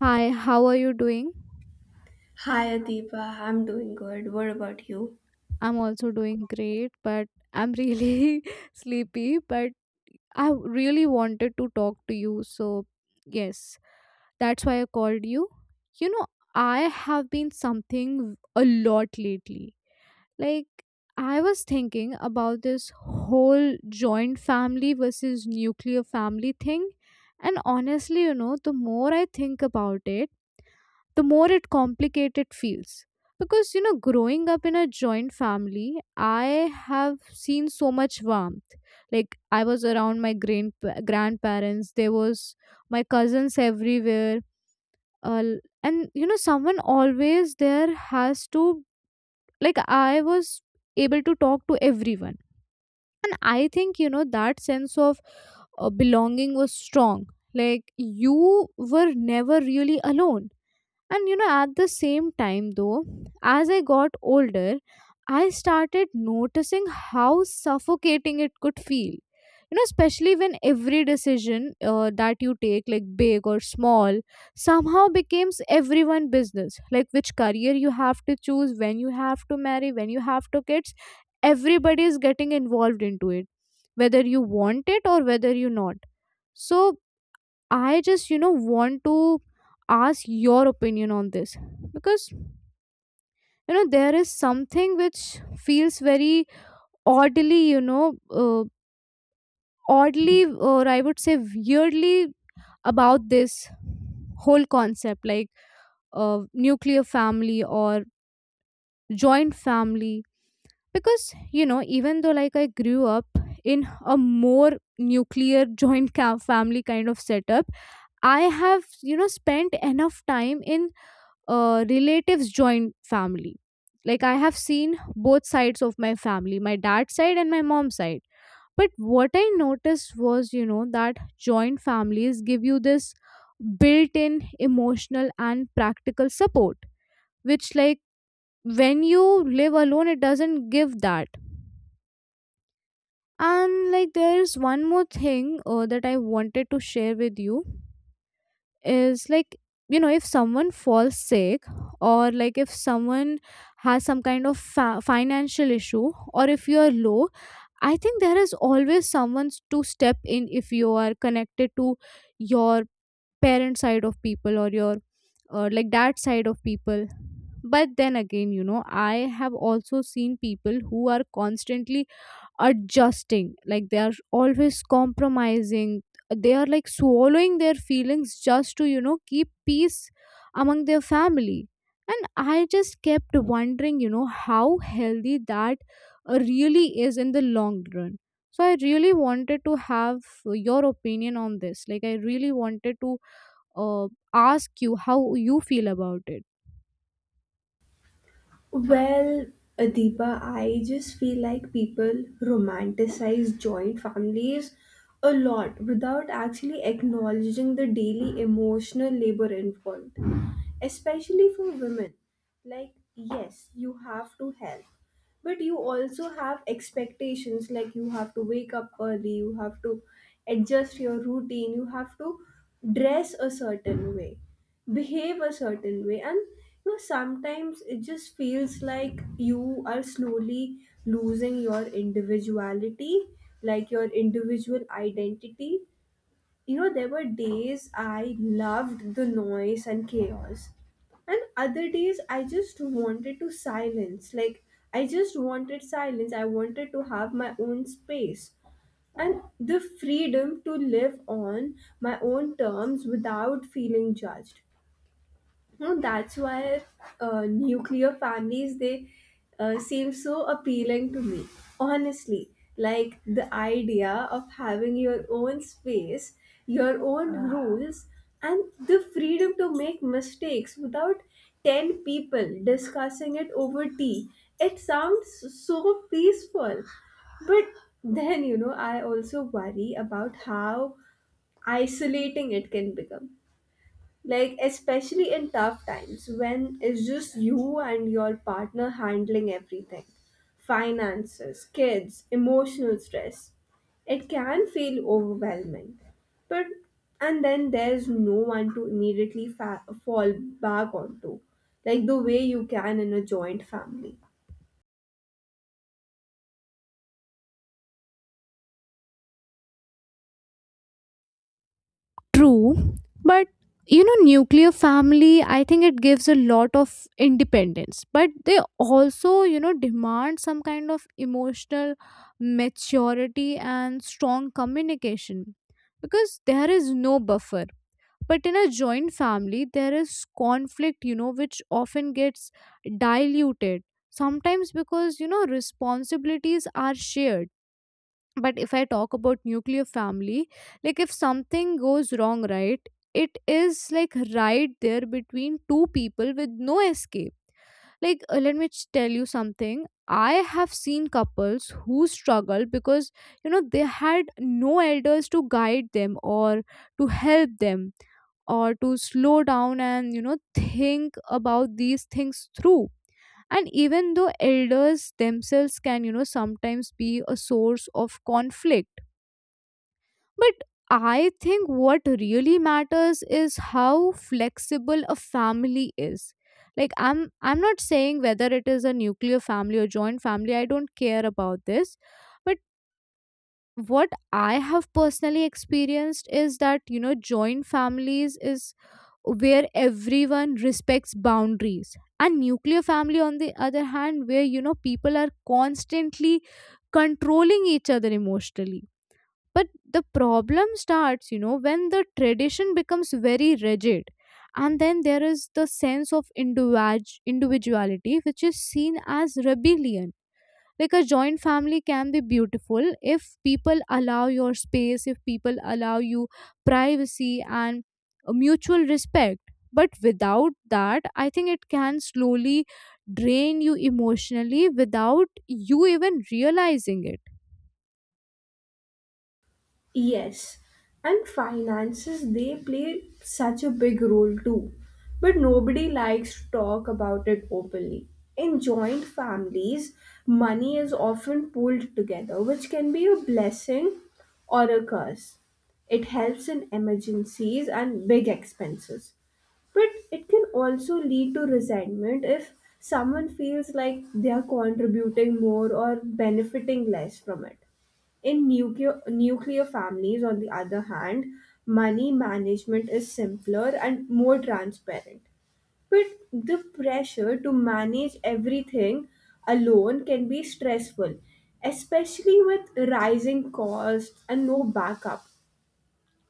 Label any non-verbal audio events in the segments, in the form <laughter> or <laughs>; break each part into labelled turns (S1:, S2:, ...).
S1: Hi, how are you doing?
S2: Hi Adipa, I'm doing good. What about you?
S1: I'm also doing great, but I'm really <laughs> sleepy. But I really wanted to talk to you. So, yes, that's why I called you. You know, I have been something a lot lately. Like, I was thinking about this whole joint family versus nuclear family thing. And honestly, you know, the more I think about it, the more it complicated feels because you know growing up in a joint family I have seen so much warmth like I was around my grandparents there was my cousins everywhere uh, and you know someone always there has to like I was able to talk to everyone and I think you know that sense of belonging was strong like you were never really alone and you know, at the same time, though, as I got older, I started noticing how suffocating it could feel. You know, especially when every decision that you take, like big or small, somehow becomes everyone business. Like which career you have to choose, when you have to marry, when you have to kids, everybody is getting involved into it, whether you want it or whether you not so I just, you know, want to ask your opinion on this because, you know, there is something which feels very oddly, you know, uh, oddly, or I would say weirdly about this whole concept like nuclear family or joint family. Because, you know, even though like I grew up in a more nuclear <laughs> joint family kind of setup, I have, you know, spent enough time in relatives join family like I have seen both sides of my family my dad's side and my mom's side but what I noticed was you know that joint families give you this built-in emotional and practical support which like when you live alone it doesn't give that and like there is one more thing that I wanted to share with you is like you know if someone falls sick or like if someone has some kind of financial issue or if you are low I think there is always someone to step in if you are connected to your parent side of people or your like that side of people but then again you know I have also seen people who are constantly adjusting like they are always compromising they are like swallowing their feelings just to you know keep peace among their family and I just kept wondering you know how healthy that really is in the long run so I really wanted to have your opinion on this like I really wanted to uh, ask you how you feel about it.
S2: Well, Adiba, I just feel like people romanticize joint families a lot without actually acknowledging the daily emotional labor involved, especially for women. Like, yes, you have to help, but you also have expectations. Like, you have to wake up early, you have to adjust your routine, you have to dress a certain way, behave a certain way. And you know, sometimes it just feels like you are slowly losing your individuality, like your individual identity. You know, there were days I loved the noise and chaos, and other days I just wanted to silence like I just wanted silence. I wanted to have my own space and the freedom to live on my own terms without feeling judged. No, that's why nuclear families they seem so appealing to me. Honestly, like the idea of having your own space, your own rules, and the freedom to make mistakes without ten people discussing it over tea. It sounds so peaceful. But then, you know, I also worry about how isolating it can become, like especially in tough times when it's just you and your partner handling everything, finances, kids, emotional stress. It can feel overwhelming. But and then there's no one to immediately fall back onto, like the way you can in a joint family.
S1: True, but you know, nuclear family, I think it gives a lot of independence, but they also, you know, demand some kind of emotional maturity and strong communication because there is no buffer. But in a joint family, there is conflict, you know, which often gets diluted sometimes because, you know, responsibilities are shared but if I talk about nuclear family like if something goes wrong right it is like right there between two people with no escape like let me tell you something I have seen couples who struggle because you know they had no elders to guide them or to help them or to slow down and you know think about these things through and even though elders themselves can you know sometimes be a source of conflict but I think what really matters is how flexible a family is. Like I'm not saying whether it is a nuclear family or joint family, I don't care about this. But what I have personally experienced is that, you know, joint families is where everyone respects boundaries. And nuclear family on the other hand, where you know people are constantly controlling each other emotionally but the problem starts, you know, when the tradition becomes very rigid. And then there is the sense of individuality, which is seen as rebellion. Like a joint family can be beautiful if people allow your space, if people allow you privacy and a mutual respect. But without that, I think it can slowly drain you emotionally without you even realizing it.
S2: Yes, and finances they play such a big role too. But nobody likes to talk about it openly. In joint families, money is often pooled together, which can be a blessing or a curse. It helps in emergencies and big expenses. But it can also lead to resentment if someone feels like they are contributing more or benefiting less from it. In nuclear families, on the other hand, money management is simpler and more transparent. But the pressure to manage everything alone can be stressful, especially with rising costs and no backup.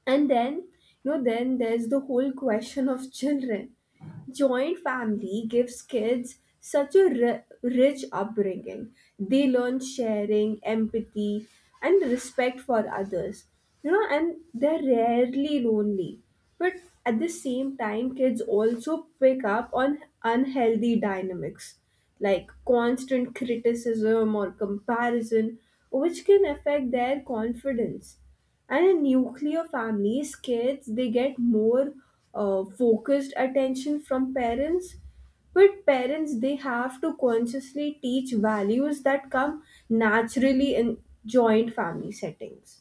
S2: And then, you know, then there's the whole question of children. Joint family gives kids such a rich upbringing. They learn sharing, empathy, and respect for others. You know, and they're rarely lonely. But at the same time, kids also pick up on unhealthy dynamics like constant criticism or comparison, which can affect their confidence. And in nuclear families, kids they get more focused attention from parents, but parents they have to consciously teach values that come naturally in joint family settings.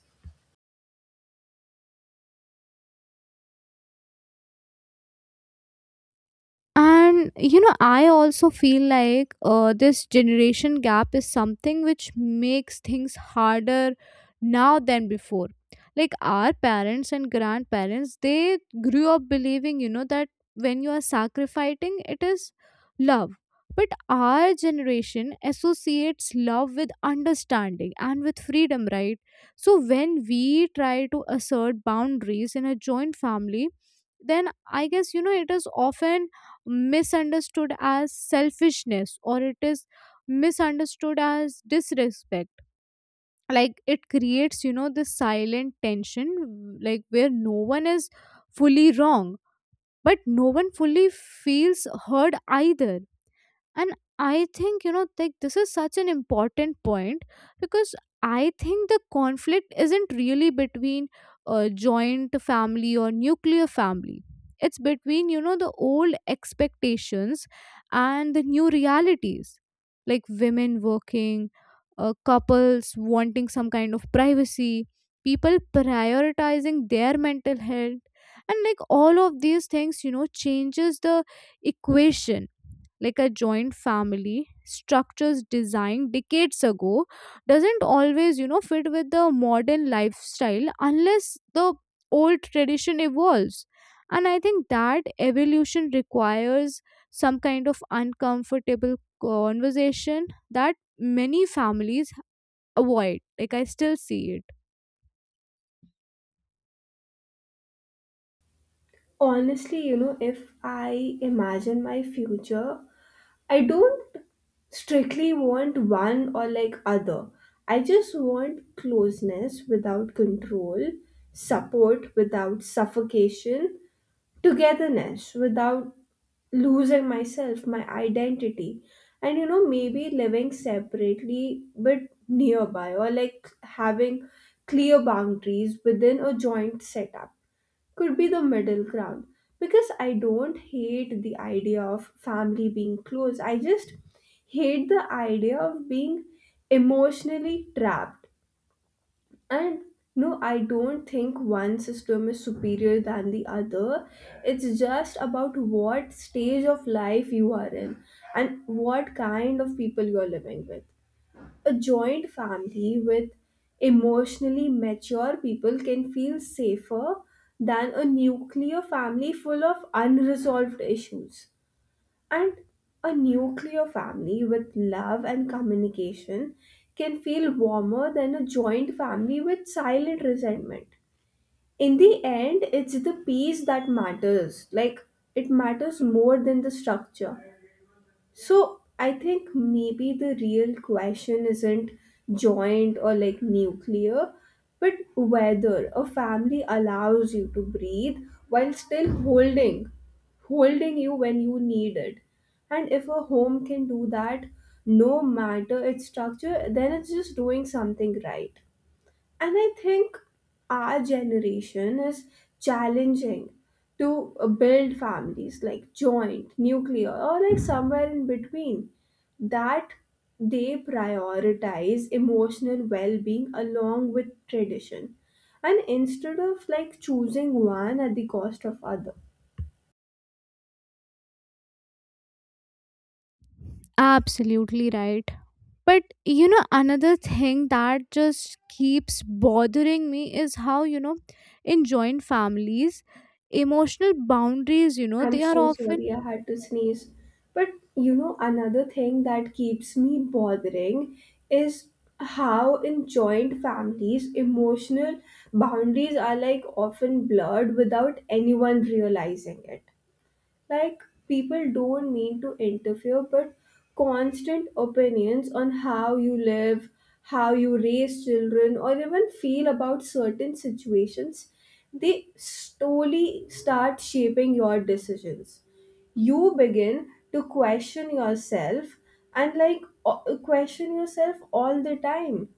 S1: And you know, I also feel like this generation gap is something which makes things harder now than before. Like our parents and grandparents, they grew up believing, you know, that when you are sacrificing, it is love. But our generation associates love with understanding and with freedom, right? So when we try to assert boundaries in a joint family, then I guess, you know, it is often misunderstood as selfishness or it is misunderstood as disrespect like it creates you know this silent tension like where no one is fully wrong but no one fully feels heard either and I think you know like this is such an important point because I think the conflict isn't really between a joint family or nuclear family it's between you know the old expectations and the new realities like women working couples wanting some kind of privacy people prioritizing their mental health and like all of these things you know changes the equation like a joint family structures designed decades ago doesn't always you know fit with the modern lifestyle unless the old tradition evolves and I think that evolution requires some kind of uncomfortable conversation that many families avoid like I still see it.
S2: Honestly, you know, if I imagine my future, I don't strictly want one or like other. I just want closeness without control, support without suffocation, togetherness without losing myself, my identity. And you know, maybe living separately but nearby, or like having clear boundaries within a joint setup could be the middle ground. Because I don't hate the idea of family being close. I just hate the idea of being emotionally trapped. And no, I don't think one system is superior than the other. It's just about what stage of life you are in and what kind of people you're living with. A joint family with emotionally mature people can feel safer than a nuclear family full of unresolved issues. And a nuclear family with love and communication can feel warmer than a joint family with silent resentment. In the end, it's the peace that matters. Like, it matters more than the structure. So I think maybe the real question isn't joint or like nuclear, but whether a family allows you to breathe while still holding you when you need it. And if a home can do that, no matter its structure, then it's just doing something right. And I think our generation is challenging to build families like joint, nuclear, or like somewhere in between, that they prioritize emotional well being along with tradition. And instead of like choosing one at the cost of other,
S1: Absolutely right. But you know, another thing that just keeps bothering me is how, you know, in joint families, emotional boundaries, you know,
S2: I'm
S1: they are
S2: so
S1: often
S2: sorry, I had to sneeze. But you know, another thing that keeps me bothering is how in joint families, emotional boundaries are like often blurred without anyone realizing it. Like, people don't mean to interfere, but constant opinions on how you live, how you raise children, or even feel about certain situations, they slowly start shaping your decisions. You begin to question yourself and, like, question yourself all the time.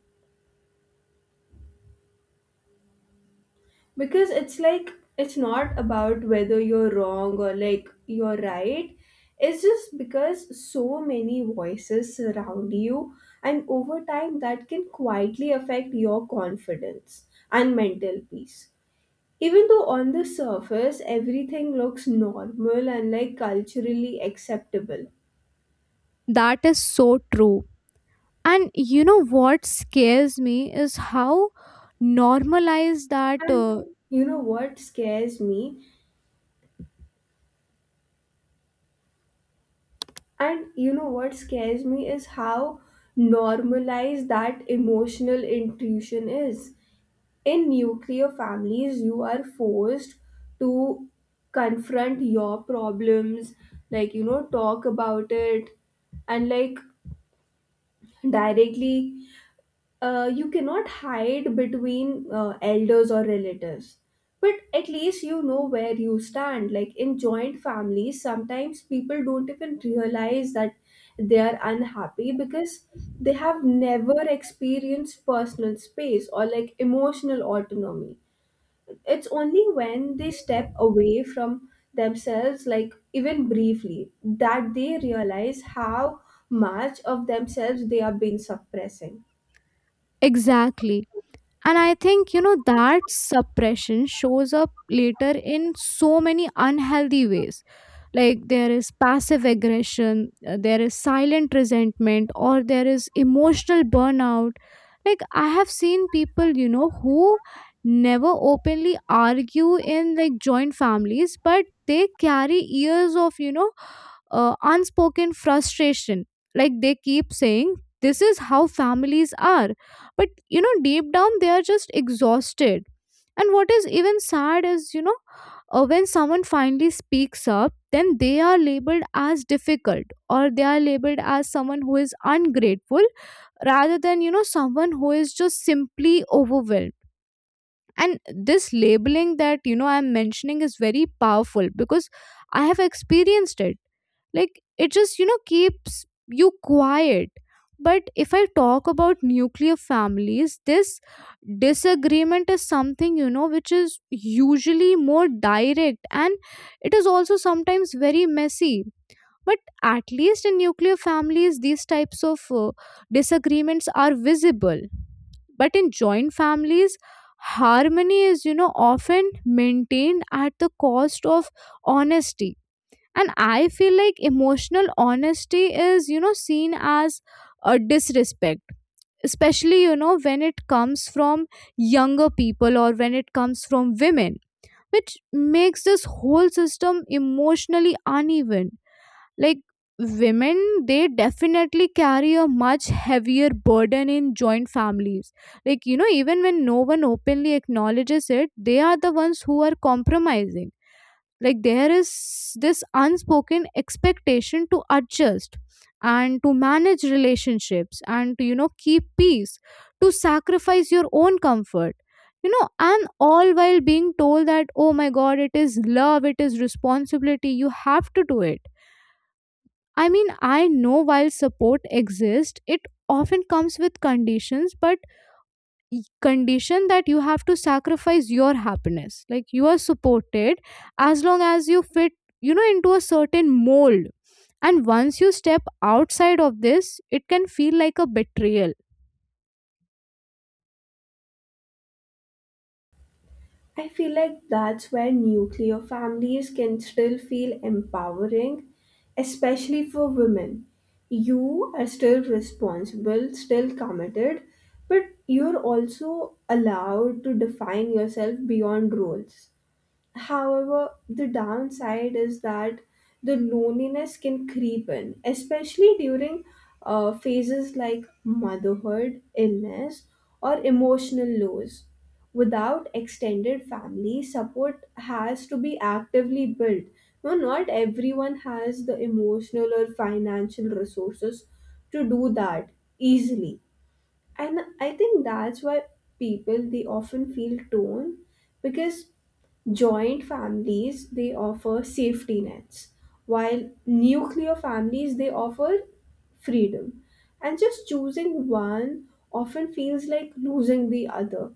S2: Because it's like, it's not about whether you're wrong or like you're right, it's just because so many voices surround you. And over time, that can quietly affect your confidence and mental peace, even though on the surface everything looks normal and like culturally acceptable.
S1: that is so true. And you know what scares me is how normalized that
S2: and you know what scares me And you know what scares me is how normalized that emotional intuition is. In nuclear families, you are forced to confront your problems, like, you know, talk about it, and like directly. Uh, you cannot hide between elders or relatives, but at least you know where you stand. Like in joint families, sometimes people don't even realize that they are unhappy because they have never experienced personal space or like emotional autonomy. It's only when they step away from themselves, like even briefly, that they realize how much of themselves they have been suppressing.
S1: exactly. And I think, you know, that suppression shows up later in so many unhealthy ways. Like there is passive aggression, there is silent resentment, or there is emotional burnout. Like I have seen people, you know, who never openly argue in like joint families, but they carry years of, you know, unspoken frustration. Like they keep saying, this is how families are. But, you know, deep down, they are just exhausted. And what is even sad is, you know, when someone finally speaks up, then they are labeled as difficult or they are labeled as someone who is ungrateful rather than, you know, someone who is just simply overwhelmed and this labeling that you know I'm mentioning is very powerful because I have experienced it like it just you know keeps you quiet but if I talk about nuclear families this disagreement is something you know which is usually more direct and it is also sometimes very messy but at least in nuclear families, these types of disagreements are visible. But in joint families, harmony is, you know, often maintained at the cost of honesty. And I feel like emotional honesty is, you know, seen as a disrespect, especially, you know, when it comes from younger people or when it comes from women, which makes this whole system emotionally uneven like women they definitely carry a much heavier burden in joint families like you know even when no one openly acknowledges it they are the ones who are compromising like there is this unspoken expectation to adjust and to manage relationships and to you know keep peace to sacrifice your own comfort you know and all while being told that oh my god it is love it is responsibility you have to do it. I mean, I know while support exists, it often comes with conditions, but condition that you have to sacrifice your happiness. Like you are supported as long as you fit, you know, into a certain mold. And once you step outside of this, it can feel like a betrayal.
S2: I feel like that's where nuclear families can still feel empowering, especially for women. You are still responsible, still committed, but you're also allowed to define yourself beyond roles. However, the downside is that the loneliness can creep in, especially during phases like motherhood, illness, or emotional lows. Without extended family, support has to be actively built. No, not everyone has the emotional or financial resources to do that easily. And I think that's why people they often feel torn, because joint families, they offer safety nets, while nuclear families, they offer freedom. And just choosing one often feels like losing the other.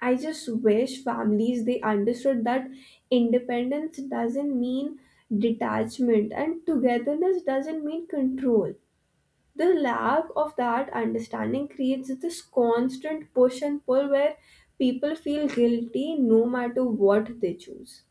S2: I just wish families they understood that independence doesn't mean detachment and togetherness doesn't mean control. The lack of that understanding creates this constant push and pull where people feel guilty no matter what they choose.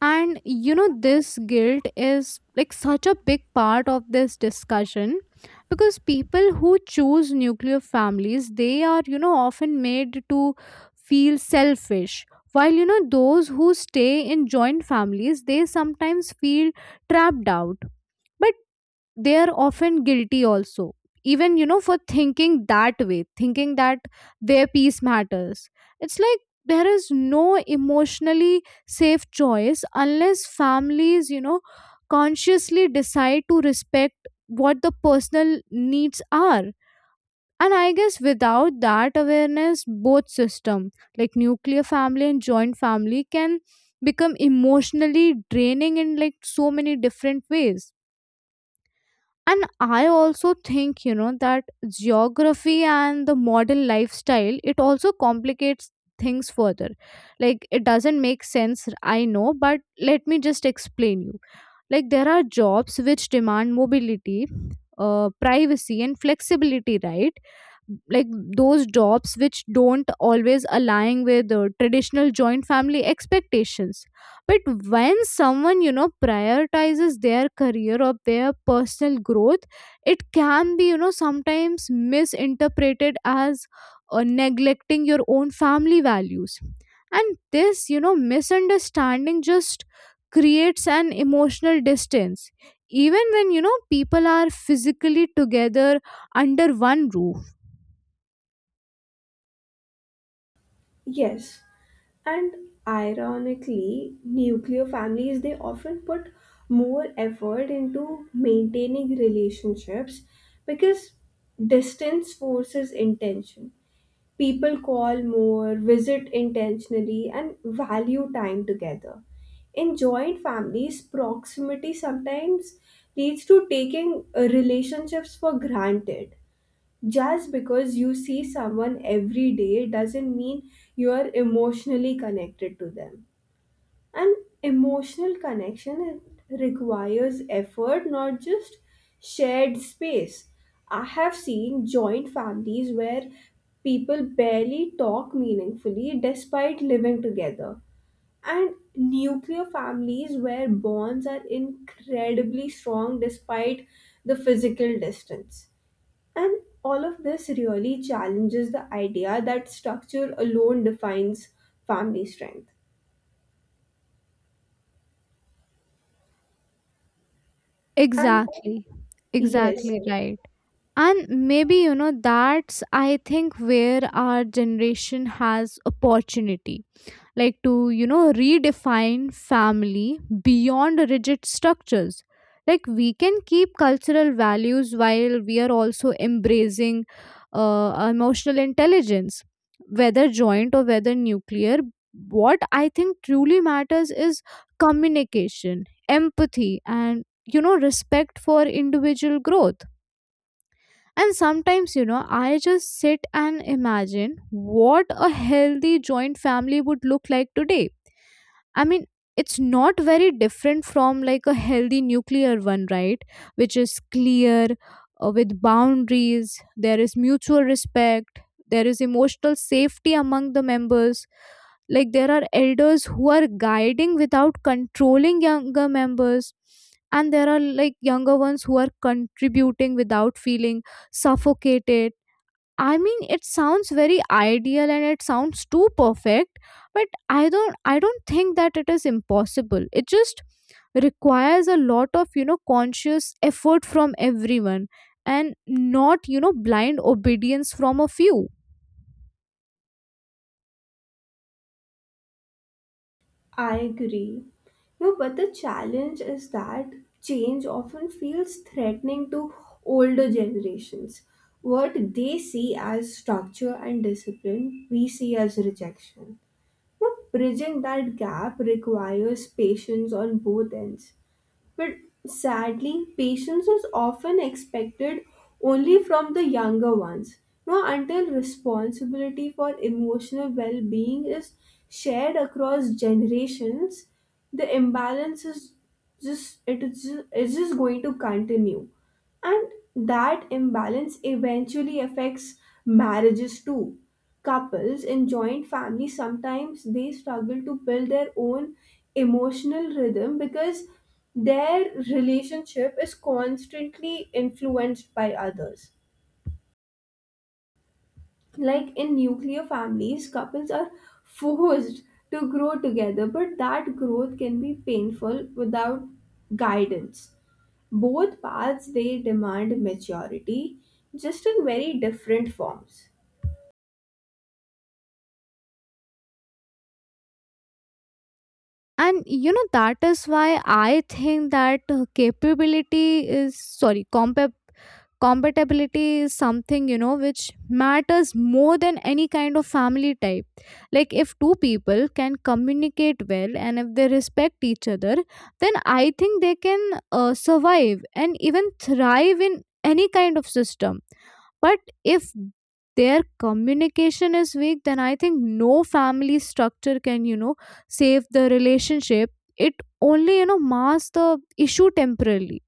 S1: And you know, this guilt is like such a big part of this discussion because people who choose nuclear families, they are, you know, often made to feel selfish. While, you know, those who stay in joint families, they sometimes feel trapped out. But they are often guilty also even you know for thinking that way thinking that their peace matters it's like there is no emotionally safe choice unless families you know consciously decide to respect what the personal needs are and I guess without that awareness both system like nuclear family and joint family can become emotionally draining in like so many different ways and I also think you know that geography and the modern lifestyle it also complicates things further like it doesn't make sense I know but let me just explain you like there are jobs which demand mobility, privacy, and flexibility, right? Like those jobs which don't always align with the traditional joint family expectations. But when someone, prioritizes their career or their personal growth, it can be, sometimes misinterpreted as neglecting your own family values, and this misunderstanding just creates an emotional distance even when people are physically together under one roof.
S2: Yes, and ironically, nuclear families they often put more effort into maintaining relationships because distance forces intention. People call more, visit intentionally, and value time together. In joint families, proximity sometimes leads to taking relationships for granted. Just because you see someone every day doesn't mean you are emotionally connected to them. And emotional connection, it requires effort, not just shared space. I have seen joint families where people barely talk meaningfully despite living together, and nuclear families where bonds are incredibly strong despite the physical distance. And all of this really challenges the idea that structure alone defines family strength. And
S1: Exactly.
S2: yes,
S1: Exactly, right. And maybe, that's I think where our generation has opportunity, like to redefine family beyond rigid structures. Like, we can keep cultural values while we are also embracing emotional intelligence. Whether joint or whether nuclear, what I think truly matters is communication, empathy, and respect for individual growth. And sometimes, I just sit and imagine what a healthy joint family would look like today. I mean, it's not very different from like a healthy nuclear one, right? Which is clear, with boundaries, there is mutual respect, there is emotional safety among the members. Like, there are elders who are guiding without controlling younger members, and there are like younger ones who are contributing without feeling suffocated. I mean, it sounds very ideal and it sounds too perfect, but I don't think that it is impossible. It just requires a lot of, conscious effort from everyone and not, blind obedience from a few.
S2: I agree. No, but the challenge is that change often feels threatening to older generations. What they see as structure and discipline, we see as rejection. Now, bridging that gap requires patience on both ends. But sadly, patience is often expected only from the younger ones. Now, until responsibility for emotional well being is shared across generations, the imbalance is just it is just, it's just going to continue. And that imbalance eventually affects marriages too. Couples in joint families sometimes they struggle to build their own emotional rhythm because their relationship is constantly influenced by others. Like in nuclear families, couples are forced to grow together, but that growth can be painful without guidance. Both paths they demand maturity, just in very different forms.
S1: And that is why I think that capability is sorry, compa. Compatibility is something which matters more than any kind of family type. Like, if two people can communicate well and if they respect each other, then I think they can survive and even thrive in any kind of system. But if their communication is weak, then I think no family structure can, save the relationship. It only, masks the issue temporarily.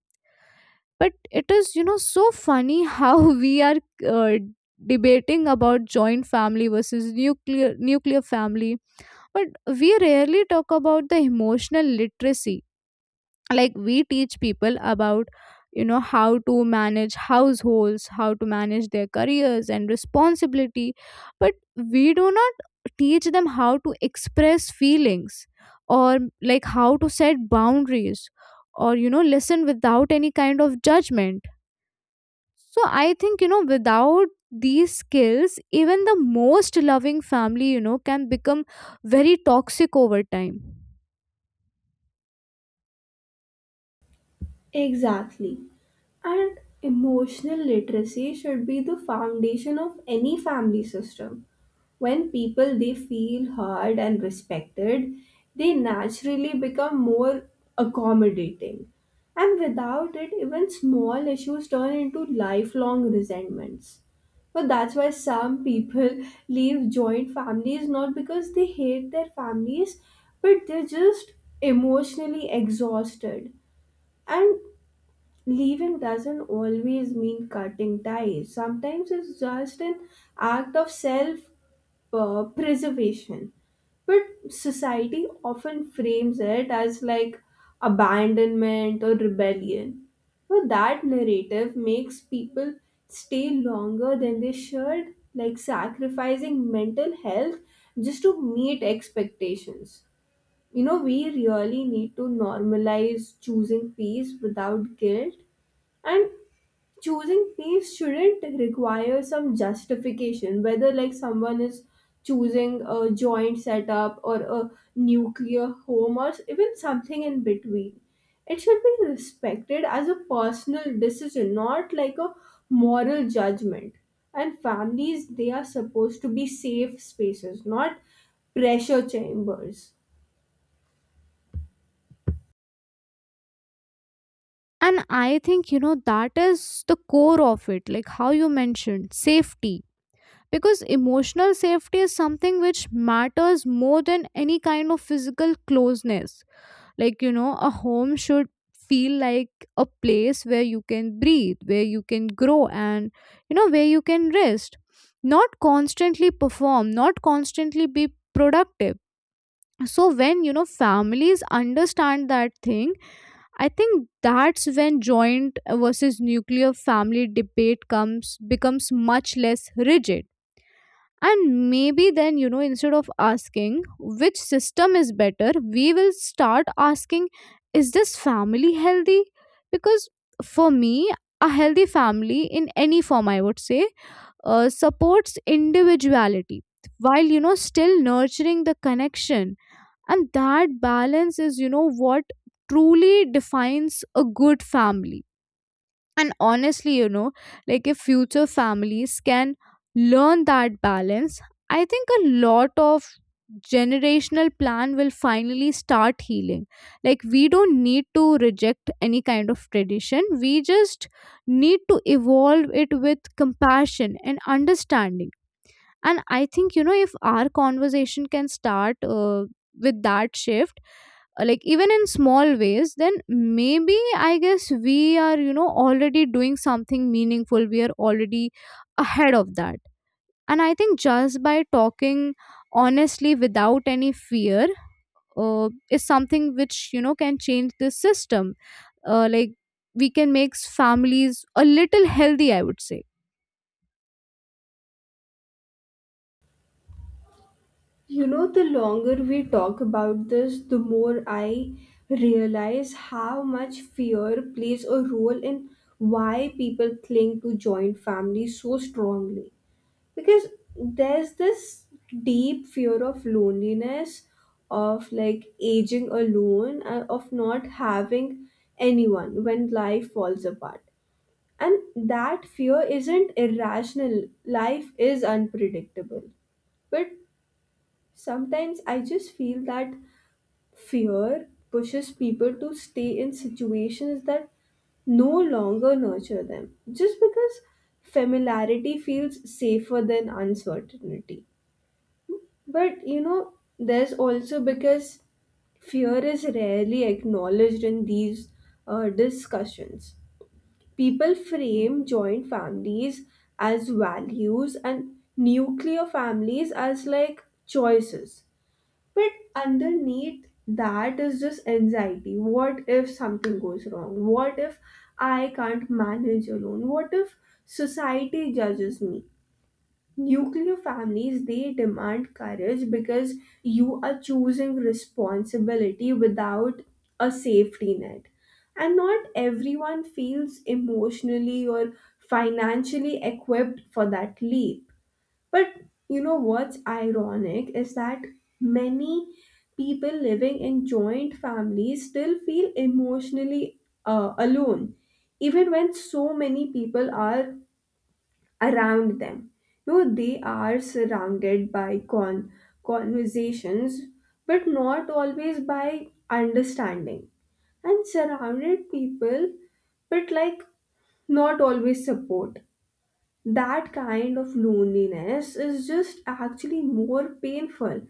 S1: But it is, so funny how <laughs> we are uh, debating about joint family versus nuclear family. But we rarely talk about the emotional literacy. Like, we teach people about, how to manage households, how to manage their careers and responsibility, but we do not teach them how to express feelings, or like how to set boundaries, or listen without any kind of judgment. So I think, without these skills, even the most loving family, can become very toxic over time.
S2: Exactly. And emotional literacy should be the foundation of any family system. When people they feel heard and respected, they naturally become more accommodating. And without it, even small issues turn into lifelong resentments. But that's why some people leave joint families, not because they hate their families, but they're just emotionally exhausted. And leaving doesn't always mean cutting ties. Sometimes it's just an act of self preservation. But society often frames it as like abandonment or rebellion. But that narrative makes people stay longer than they should, like sacrificing mental health just to meet expectations. You know, we really need to normalize choosing peace without guilt. And choosing peace shouldn't require some justification, whether like someone is choosing a joint setup or a nuclear home or even something in between. It should be respected as a personal decision, not like a moral judgment. And families, they are supposed to be safe spaces, not pressure chambers.
S1: And I think, that is the core of it, like how you mentioned safety. Because emotional safety is something which matters more than any kind of physical closeness. Like, a home should feel like a place where you can breathe, where you can grow, and where you can rest, not constantly perform, not constantly be productive. So when, families understand that thing, I think that's when joint versus nuclear family debate comes becomes much less rigid. And maybe then, instead of asking which system is better, we will start asking, is this family healthy? Because for me, a healthy family in any form, I would say, supports individuality while, still nurturing the connection. And that balance is, what truly defines a good family. And honestly, like if future families can learn that balance, I think a lot of generational plan will finally start healing. Like, we don't need to reject any kind of tradition, we just need to evolve it with compassion and understanding. And I think, if our conversation can start, with that shift, like even in small ways, then maybe I guess we are, already doing something meaningful. We are already ahead of that. And I think just by talking honestly without any fear, is something which, can change the system, like we can make families a little healthy, I would say.
S2: You know, the longer we talk about this, the more I realize how much fear plays a role in why people cling to joint families so strongly. Because there's this deep fear of loneliness, of like aging alone, and of not having anyone when life falls apart. And that fear isn't irrational, life is unpredictable. But sometimes I just feel that fear pushes people to stay in situations that no longer nurture them, just because familiarity feels safer than uncertainty. But you know, there's also because fear is rarely acknowledged in these discussions. People frame joint families as values and nuclear families as like choices, but underneath that is just anxiety. What if something goes wrong? What if I can't manage alone? What if society judges me? Nuclear families they demand courage because you are choosing responsibility without a safety net. And not everyone feels emotionally or financially equipped for that leap. But you know what's ironic is that many people living in joint families still feel emotionally alone, even when so many people are around them. You know, they are surrounded by conversations, but not always by understanding. And surrounded people, but like not always support. That kind of loneliness is just actually more painful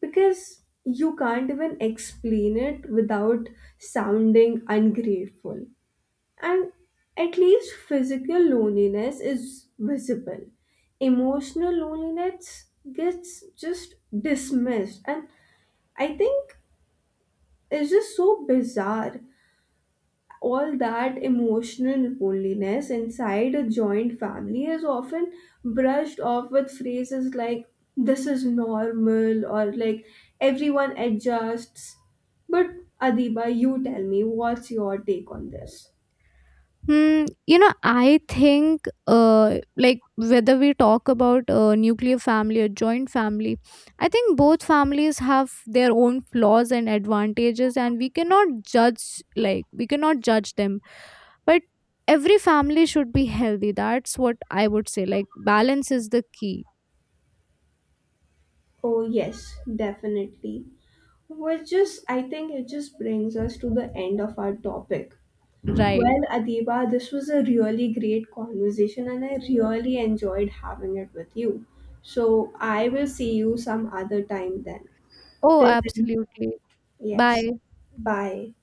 S2: because you can't even explain it without sounding ungrateful. And at least physical loneliness is visible. Emotional loneliness gets just dismissed. And I think it's just so bizarre, all that emotional loneliness inside a joint family is often brushed off with phrases like this is normal or like everyone adjusts. But Adiba, you tell me, what's your take on this?
S1: Hmm, I think, like whether we talk about a nuclear family or joint family, I think both families have their own flaws and advantages, and we cannot judge, like we cannot judge them. But every family should be healthy. That's what I would say. Like, balance is the key,
S2: Oh yes, definitely. Which is, I think, it just brings us to the end of our topic.
S1: right?
S2: Well, Adiba, this was a really great conversation and I really enjoyed having it with you. So I will see you some other time then.
S1: Oh,
S2: Till then,
S1: absolutely.
S2: yes.
S1: Bye.
S2: Bye.